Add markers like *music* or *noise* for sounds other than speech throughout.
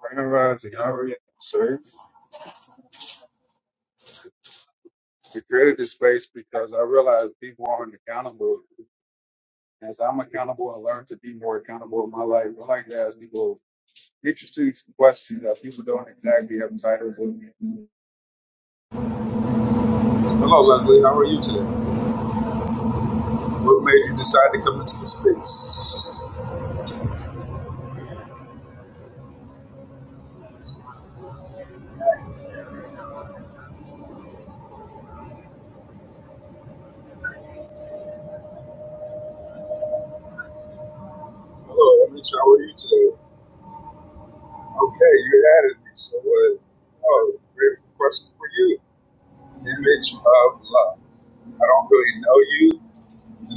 Grand Rising, how are you, sir? We created this space because I realized people aren't accountable. As I'm accountable I learned to be more accountable in my life, I like to ask people interesting questions that people don't exactly have titles of. Hello, Leslie. How are you today? What made you decide to come into the space? Hello, Emily. How are you today? Okay, you added me. So what? Oh, great question for you. Image of love. I don't really know you.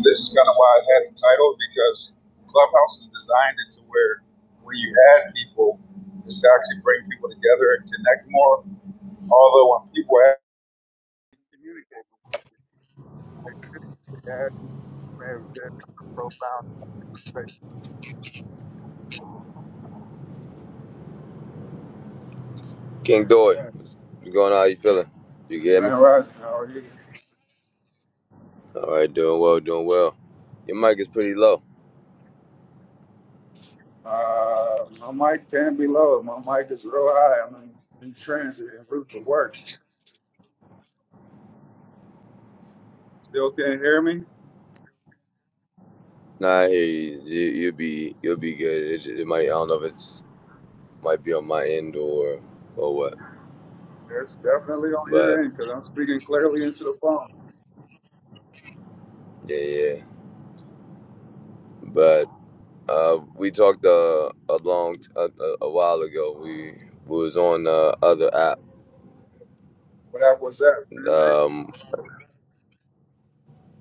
This is kind of why I had the title because Clubhouse is designed it to where when you add people, it's actually bring people together and connect more. Although when people add, communicate, add people, man, that's profound. King Doy, yeah. what's going on? How you feeling? You hear me? Grand Rising, how are you? All right, doing well, doing well. Your mic is pretty low. Uh, my mic can be low. My mic is real high. I'm in, in transit and route for work. Still can't hear me? Nah, I hear you. you you'll be, you'll be good. It, it might, I don't know if it's might be on my end or, or what. It's definitely on But your end because I'm speaking clearly into the phone. yeah, yeah. But uh, we talked uh, a long, t- a, a a while ago. We, we was on the other app. What app was that? Um,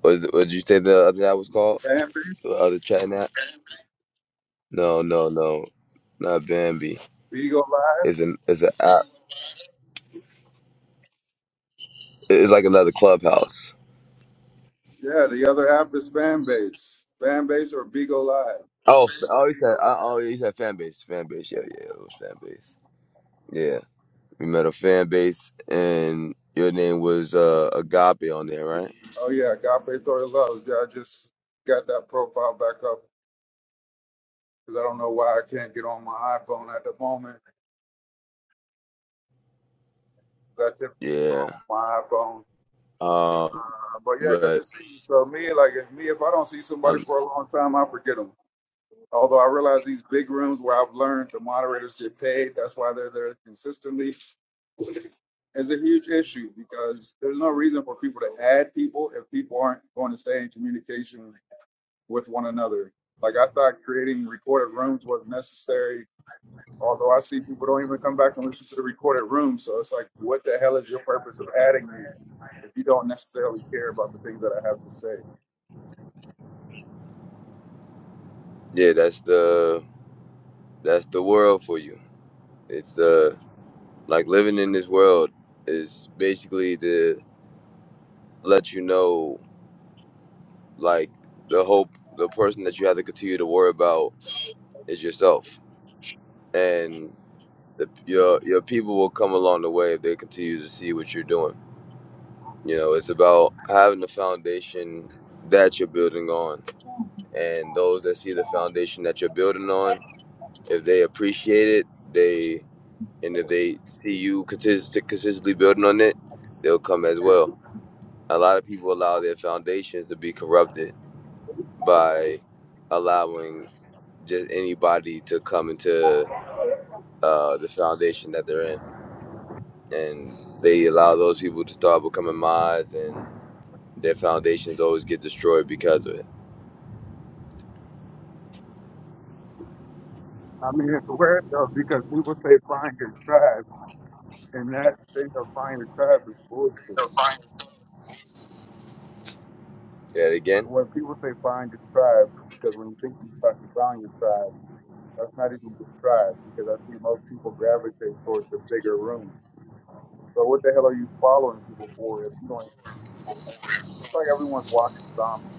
was what did you say the other app was called? Fanbase? Fanbase? The other chatting app? No, no, no, not Bambi. Beagle Live? It's an, it's an app. It's like another clubhouse. Yeah, the other app is Fanbase. Fanbase or Bigo Live. Oh, f- oh, you said, uh, oh, you said fan base, fan base. Yeah, yeah, it was fan base. Yeah, we met a fan base, and your name was uh, Agape on there, right? Oh yeah, Agape Thor Love. Yeah, I just got that profile back up because I don't know why I can't get on my iPhone at the moment. 'cause I typically go Yeah. on my iPhone. Um, Uh, but yeah, good to but see you. So me, like if me, if I don't see somebody um, for a long time, I forget them. Although I realize these big rooms where I've learned the moderators get paid, that's why they're there consistently. It's a huge issue because there's no reason for people to add people if people aren't going to stay in communication with one another. Like I thought creating recorded rooms was necessary, although I see people don't even come back and listen to the recorded room. So it's like, what the hell is your purpose of adding me if you don't necessarily care about the things that I have to say? yeah, that's the that's the world for you. It's the like living in this world is basically to let you know, like the hope, the person that you have to continue to worry about is yourself, and the, your your people will come along the way if they continue to see what you're doing. You know, it's about having the foundation that you're building on, and those that see the foundation that you're building on, if they appreciate it, they and if they see you consist- consistently building on it, they'll come as well. A lot of people allow their foundations to be corrupted by allowing just anybody to come into uh, the foundation that they're in. and they allow those people to start becoming mods and their foundations always get destroyed because of it. I mean, it's weird though because people say find your tribe, and that thing of find your tribe is bullshit. Say that again. When people say find your tribe, because when you think you fi- you found your tribe. That's not even described because I see most people gravitate towards the bigger room. So what the hell are you following people for if you don't? It's like everyone's watching zombies.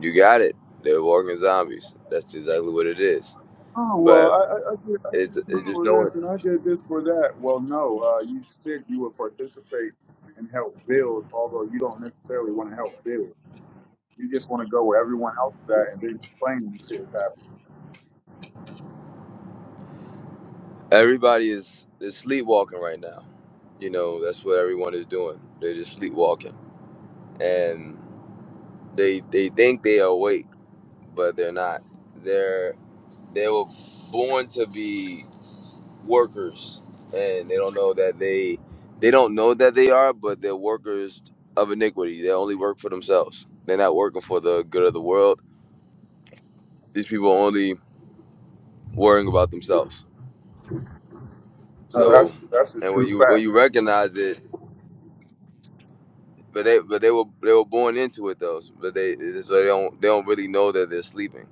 You got it. They're walking zombies. That's exactly what it is. Oh well, But I, I, I did I did it's, this it's just for no this and I did this for that. Well, no, uh, you said you would participate and help build, although you don't necessarily want to help build. You just want to go where everyone else is at and then complain when shit is happening. everybody is, is sleepwalking right now. You know, that's what everyone is doing. They're just sleepwalking. And they they think they are awake, but they're not. They're they were born to be workers and they don't know that they they don't know that they are but they're workers of iniquity they only work for themselves they're not working for the good of the world these people are only worrying about themselves No, so that's that's a and when true you fact. when you recognize it but they but they were they were born into it though but they so they don't they don't really know that they're sleeping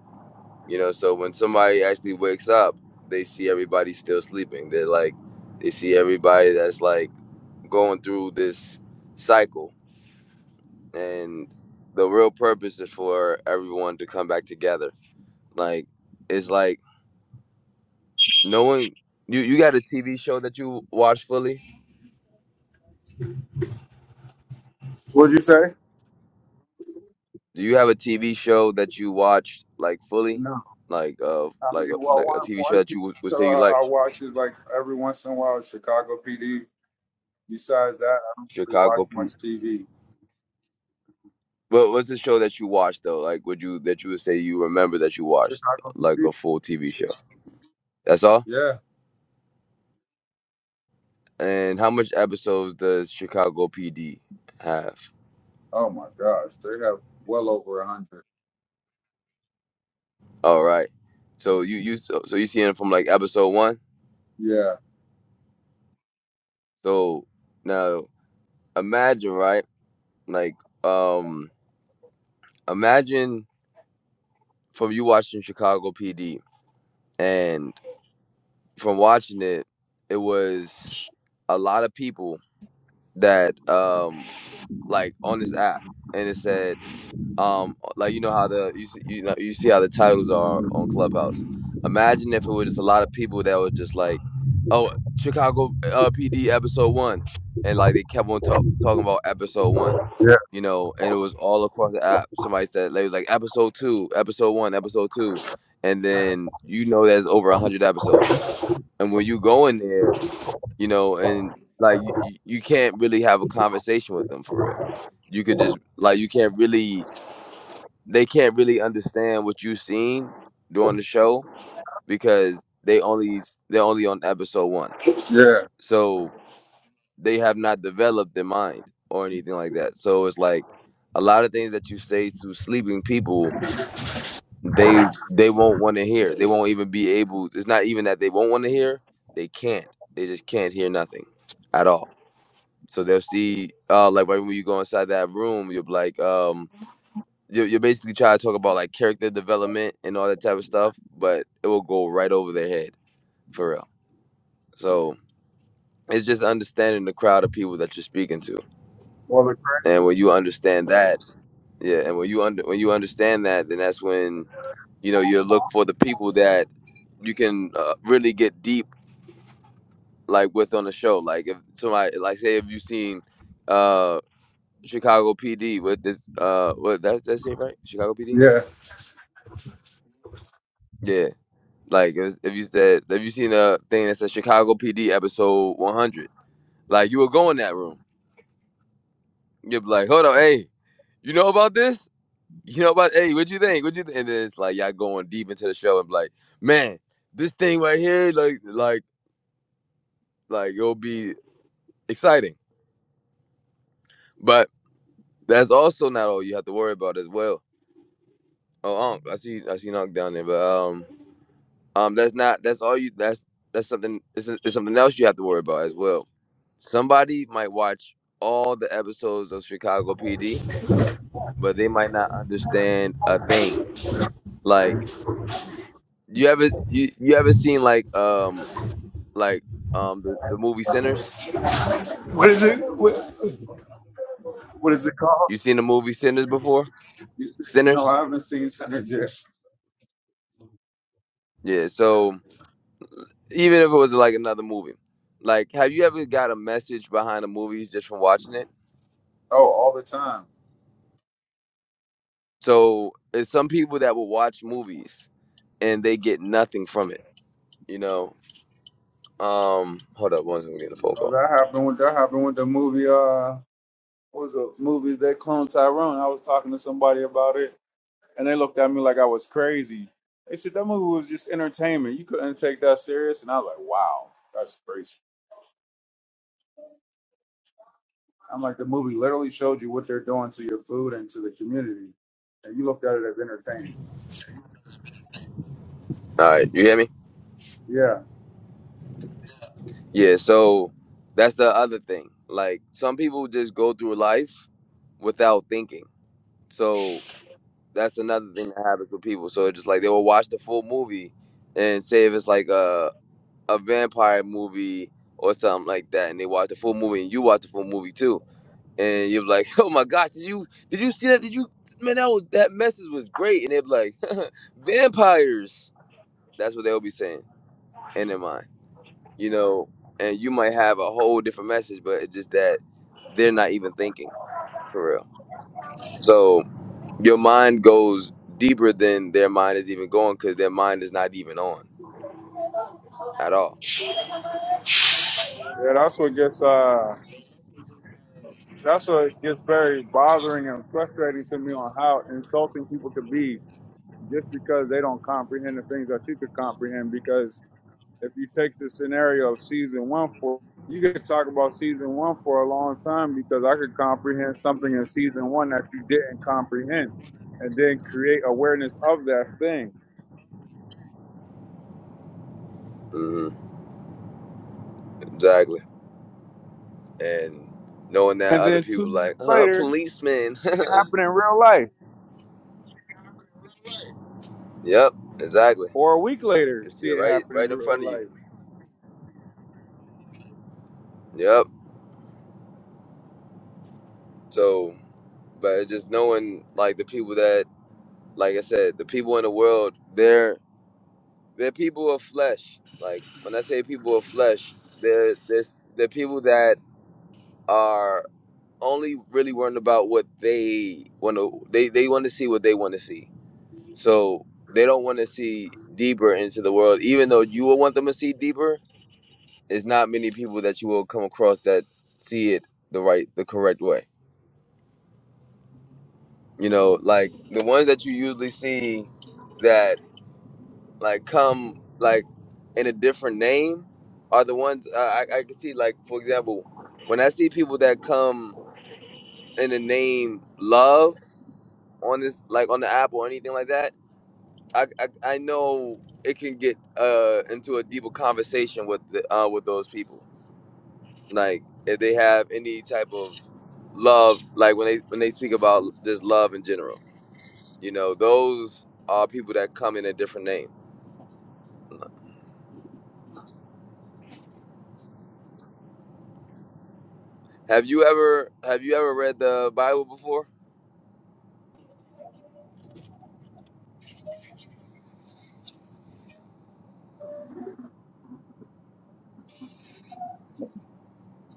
you know so when somebody actually wakes up they see everybody still sleeping they're like they see everybody that's like going through this cycle and the real purpose is for everyone to come back together. Like it's like knowing you you got a TV show that you watch fully. What'd you say? Do you have a TV show that you watched like fully, like uh I like mean, a, well, like a one TV show one that piece you would, would uh, say you like I watch is like every once in a while Chicago PD. Besides that, I don't really watch Chicago? P- much TV. What what's the show that you watched though? Like would you that you would say you remember that you watched Chicago like PD. a full TV show? That's all. Yeah. And how much episodes does Chicago PD have? Oh my gosh, they have well over a hundred. All right. So you you so, so you seeing it from like episode one. Yeah. So now imagine right, like um imagine from you watching Chicago PD and from watching it, it was a lot of people that um like on this app, and it said um like you know how the you see, you know you see how the titles are on Clubhouse. Imagine if it was just a lot of people that were just like, "Oh, Chicago uh, PD episode one," and like they kept on talk, talking about episode one, Yeah. you know, and it was all across the app. Somebody said they was like episode two, episode one, episode two, and then you know there's over a hundred episodes, and when you go in there, you know, and like you, you you can't really have a conversation with them for real. You could just like you can't really they can't really understand what you've seen during the show because they only they're only on episode one, Yeah. so they have not developed their mind or anything like that. So it's like a lot of things that you say to sleeping people, they they won't want to hear. They won't even be able. It's not even that they won't want to hear. They can't. They just can't hear nothing at all. So they'll see, uh, like right when you go inside that room, you'll be like, um, you're, you're basically trying to talk about like character development and all that type of stuff, but it will go right over their head for real. So it's just understanding the crowd of people that you're speaking to, Well, the- and when you understand that, yeah, and when you under when you understand that, then that's when you know you look for the people that you can uh, really get deep like with on the show. Like if somebody like say if you've seen uh Chicago PD with this uh what that that it right Chicago PD yeah. Yeah. Like it was, if you said, if you seen a thing that said Chicago PD episode 100, like you would go in that room, you'd be like, hold on, hey, you know about this? You know about hey, what you think? What you think? And then it's like y'all going deep into the show and be like, man, this thing right here, like, like, like it'll be exciting. But that's also not all you have to worry about as well. Oh, Unc, I see, I see Unc down there, but um. Um, that's not that's all you that's that's something it's, it's something else you have to worry about as well. Somebody might watch all the episodes of Chicago PD, but they might not understand a thing. Like you ever you you ever seen like um like um the, the movie Sinners? What is it? What is it called? You seen the movie Sinners before? You see, no, Sinners? I haven't seen Sinners yet. Yeah, so even if it was like another movie. Like have you ever got a message behind the movies just from watching it? Oh, all the time. So it's some people that will watch movies and they get nothing from it. You know. Um, hold up, one We I'm getting a phone Oh, call. that happened with that happened with the movie. Uh, what was the movie that cloned Tyrone? I was talking to somebody about it. and they looked at me like I was crazy. They said that movie was just entertainment. You couldn't take that serious. And I was like, wow, that's crazy. I'm like, the movie literally showed you what they're doing to your food and to the community, and you looked at it as entertainment. All right, you hear me? Yeah, Yeah. So that's the other thing. Like some people just go through life without thinking. So that's another thing that happens with people. So it's just like they will watch the full movie, and say if it's like a a vampire movie or something like that, and they watch the full movie, and you watch the full movie too, and you're like, *laughs* oh my gosh, did you did you see that? Did you man that was that message was great? And they're like, *laughs* vampires. That's what they'll be saying and in their mind, you know. And you might have a whole different message, but it's just that they're not even thinking for real. So your mind goes deeper than their mind is even going because their mind is not even on at all. yeah, that's what gets uh, that's what gets very bothering and frustrating to me on how insulting people could be just because they don't comprehend the things that you could comprehend. Because if you take the scenario of season one for you could talk about season one for a long time because I could comprehend something in season one that you didn't comprehend and then create awareness of that thing. hmm Exactly. And knowing that And other then two people years like, uh, later, policeman. see it happen in real life. *laughs* yep. Exactly. Or a week later, It's see here it right, happen in right in real front of you. life. Yep. So, but just knowing like the people that, like I said, the people in the world, they're They're people of flesh. Like when I say people of flesh, they're they're, they're people that are only really worrying about what they want to. They they want to see what they want to see. So they don't want to see deeper into the world. Even though you will want them to see deeper, it's not many people that you will come across that see it the right, the correct way. You know, like the ones that you usually see that like come like in a different name are the ones uh, I, I can see like for example when i see people that come in the name love on this like on the app or anything like that i i, I know it can get uh into a deeper conversation with the, uh with those people like if they have any type of love like when they when they speak about just love in general you know those are people that come in a different name have you ever have you ever read the bible before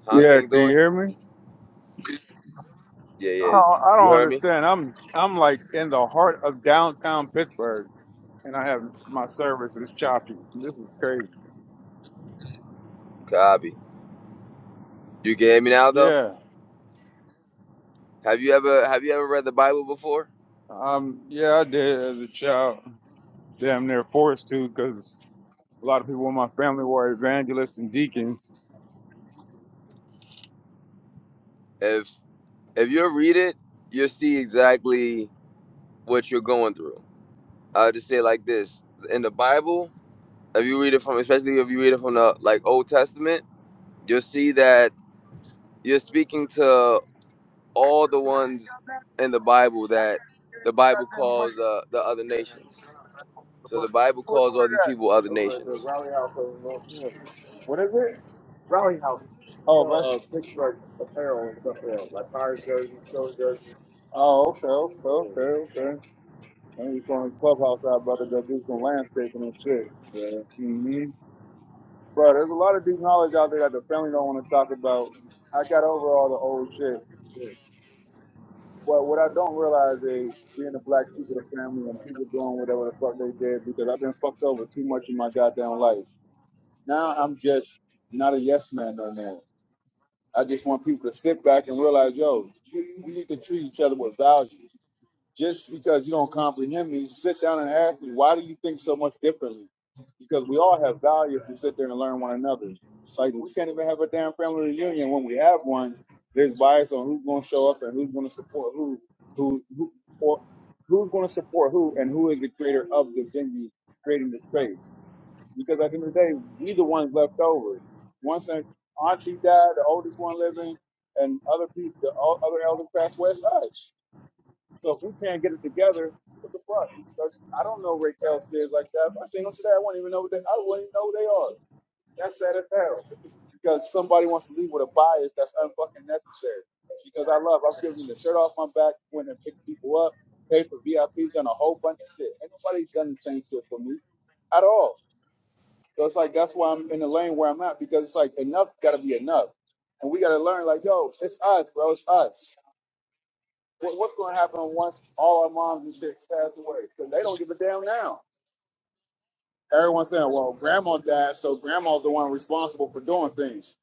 Huh, Yeah, King can you Doy? hear me? Yeah, yeah. Oh, I You don't heard me? understand. I'm I'm like in the heart of downtown Pittsburgh and I have my service is choppy. This is crazy. Copy. You can hear me now though? Yeah. Have you ever have you ever read the Bible before? Um, yeah, I did as a child. Damn near forced to because a lot of people in my family were Mm. evangelists and deacons. If if you read it, you'll see exactly what you're going through. I'll just say it like this. In the Bible, if you read it from especially if you read it from the like Old Testament, you'll see that you're speaking to all the ones in the Bible that the Bible Man, wait, calls uh, the other nations. So the Bible where calls all these people other you were at? Over at the nations. Rally House over in North Mills. What is it? Rally House. Oh, that's... Uh, that's- Pittsburgh apparel and stuff else, like Pirates jerseys, Philly jerseys. Oh, okay, okay, okay, okay. And we saw the clubhouse out, brother, go do some landscaping and shit. Yeah. hmm Bro, there's a lot of deep knowledge out there that the family don't want to talk about. I got over all the old shit. Well, what I don't realize is being a black sheep of the family and people doing whatever the fuck they did because I've been fucked over too much in my goddamn life. Now I'm just not a yes man no more. I just want people to sit back and realize, yo, you, you need to treat each other with value. Just because you don't comprehend me, sit down and ask me, why do you think so much differently? Because we all have value if we sit there and learn one another. It's like we can't even have a damn family reunion. When we have one, there's bias on who's going to show up and who's going to support who, who, who, or who's going to support who, and who is the creator of the venue creating the space. Because at the end of the day, we the ones left over. Once an auntie died, the oldest one living, and other people, the o- other elders passed away, it's us. So if we can't get it together, what the fuck? Like, I don't know Raquel's kids like that. If I seen them today, I wouldn't even know what they, I wouldn't even know who they are. That's sad as hell because somebody wants to leave with a bias that's unfucking necessary. Because I love, I've given the shirt off my back, went and picked people up, paid for VIPs, done a whole bunch of shit. Ain't nobody's done the same shit for me at all. So it's like that's why I'm in the lane where I'm at because it's like enough got to be enough, and we got to learn like yo, it's us, bro, it's us. What, what's going to happen once all our moms and chicks pass away? Because they don't give a damn now. Everyone's saying, well, grandma died, so grandma's the one responsible for doing things.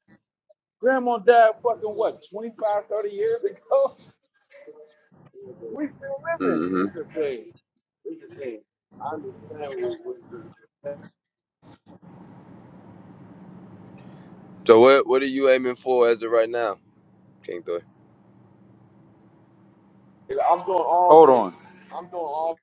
Grandma died fucking what, 25, 30 years ago? *laughs* We still living. Mm-hmm. Here's the thing. Here's the thing. I understand what what- So what what are you aiming for as of right now, King Thor? I'm doing all Hold on. this. I'm doing all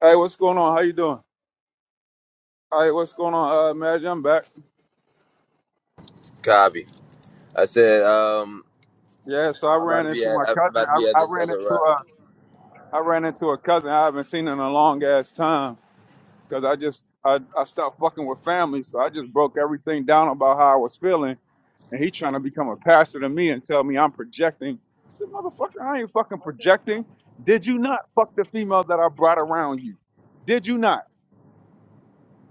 Hey, what's going on? How you doing? Hey, what's going on, uh, Madge? I'm back. Copy. I said um Yeah, so I I'm I'm about ran to be into at my I'm cousin. about to I, be at I this ran other into ride. I ran into a cousin I haven't seen in a long ass time because I just I, I stopped fucking with family, so I just broke everything down about how I was feeling, and he trying to become a pastor to me and tell me I'm projecting. I said, motherfucker, I ain't fucking projecting. Did you not fuck the female that I brought around you? Did you not?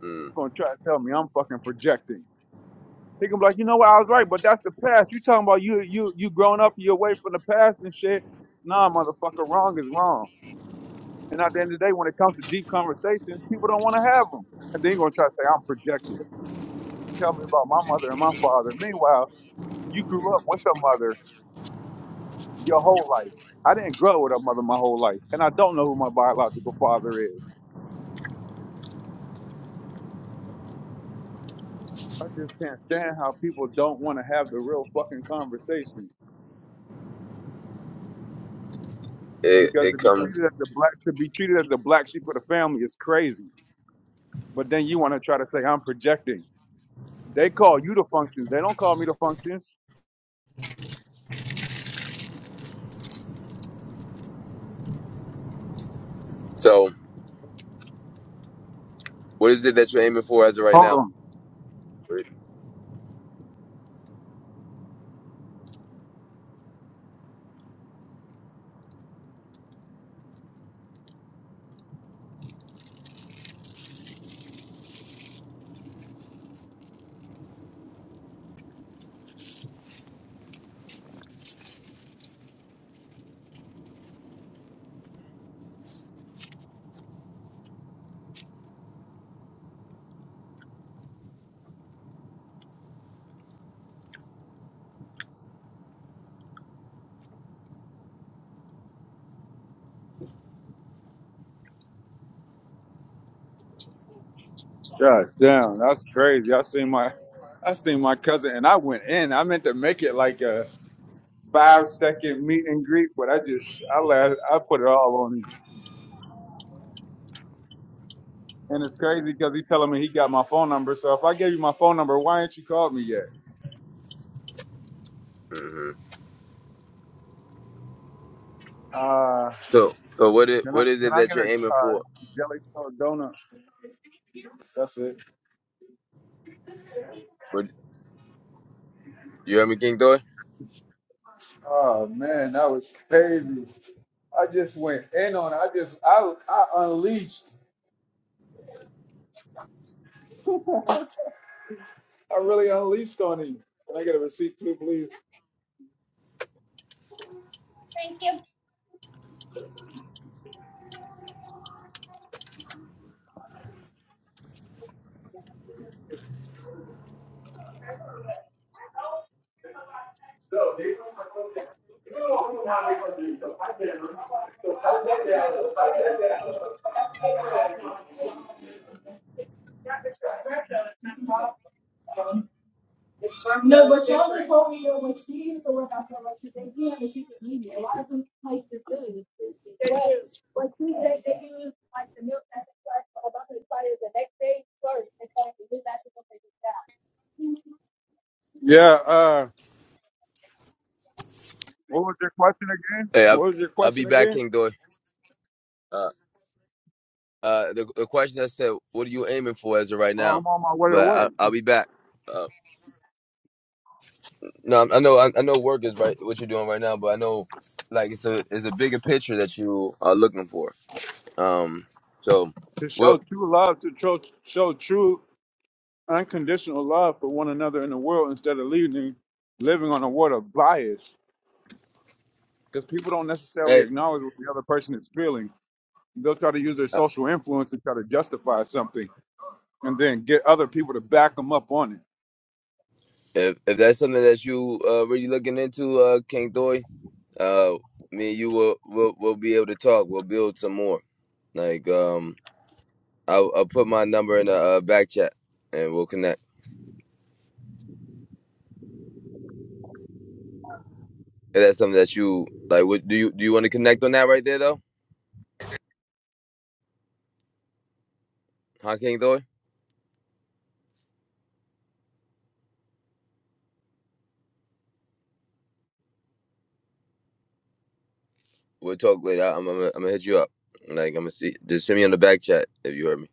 Mm. Gonna try to tell me I'm fucking projecting. He gonna be like, you know what? I was right, but that's the past. You talking about you you you growing up, you away from the past and shit. Nah, motherfucker, wrong is wrong. And at the end of the day, when it comes to deep conversations, people don't want to have them. And then you're going to try to say, I'm projecting. Tell me about my mother and my father. Meanwhile, you grew up with a mother your whole life. I didn't grow with a mother my whole life. And I don't know who my biological father is. I just can't stand how people don't want to have the real fucking conversation It because it to be comes. treated as the black to be treated as the black sheep of the family is crazy. But then you want to try to say I'm projecting. They call you the functions. They don't call me the functions. So what is it that you're aiming for as of right Hold now? on. God damn, that's crazy. I seen my I seen my cousin and I went in. I meant to make it like a five second meet and greet, but I just I la I put it all on him. And it's crazy because he telling me he got my phone number. So if I gave you my phone number, why ain't you called me yet? Mm-hmm. Uh, So so what it can I what is can it I that get you're a aiming uh, for? jelly cold donut? That's it. What, you hear me, King Thor? Oh man, that was crazy. I just went in on it. I just I I unleashed. *laughs* I really unleashed on him. Can I get a receipt too, please? Thank you. No, but y'all just told me when she steam the what I felt like they give if you can eat it. A lot of them places do. They do. But she said they use like the milk that's expired for about to expire the next day first. In fact, it is actually going to take it down. Yeah, uh, what was your question again? Hey, I'll, What was your I'll question be back, again? King Thor. Uh uh the the question I said, what are you aiming for as of right Oh, now? I'm on my way to But I, work. I'll be back. Uh, No, I know, I I know, work is right what you're doing right now, but I know, like, it's a it's a bigger picture that you are looking for. Um, so, to show well, true love, to show, show true unconditional love for one another in the world instead of leaving, living on a word of bias. Because people don't necessarily hey, acknowledge what the other person is feeling. They'll try to use their uh, social influence to try to justify something and then get other people to back them up on it. if if that's something that you uh really looking into, uh, King Doy, uh, me and you will will will be able to talk. We'll build some more. Like, um, I'll, I'll put my number in the uh, back chat, and we'll connect. If that's something that you like, what do you do? You want to connect on that right there though, huh, King Doy? We'll talk later. I'm, I'm, I'm gonna hit you up. Like I'm gonna see. Just send me on the back chat if you heard me.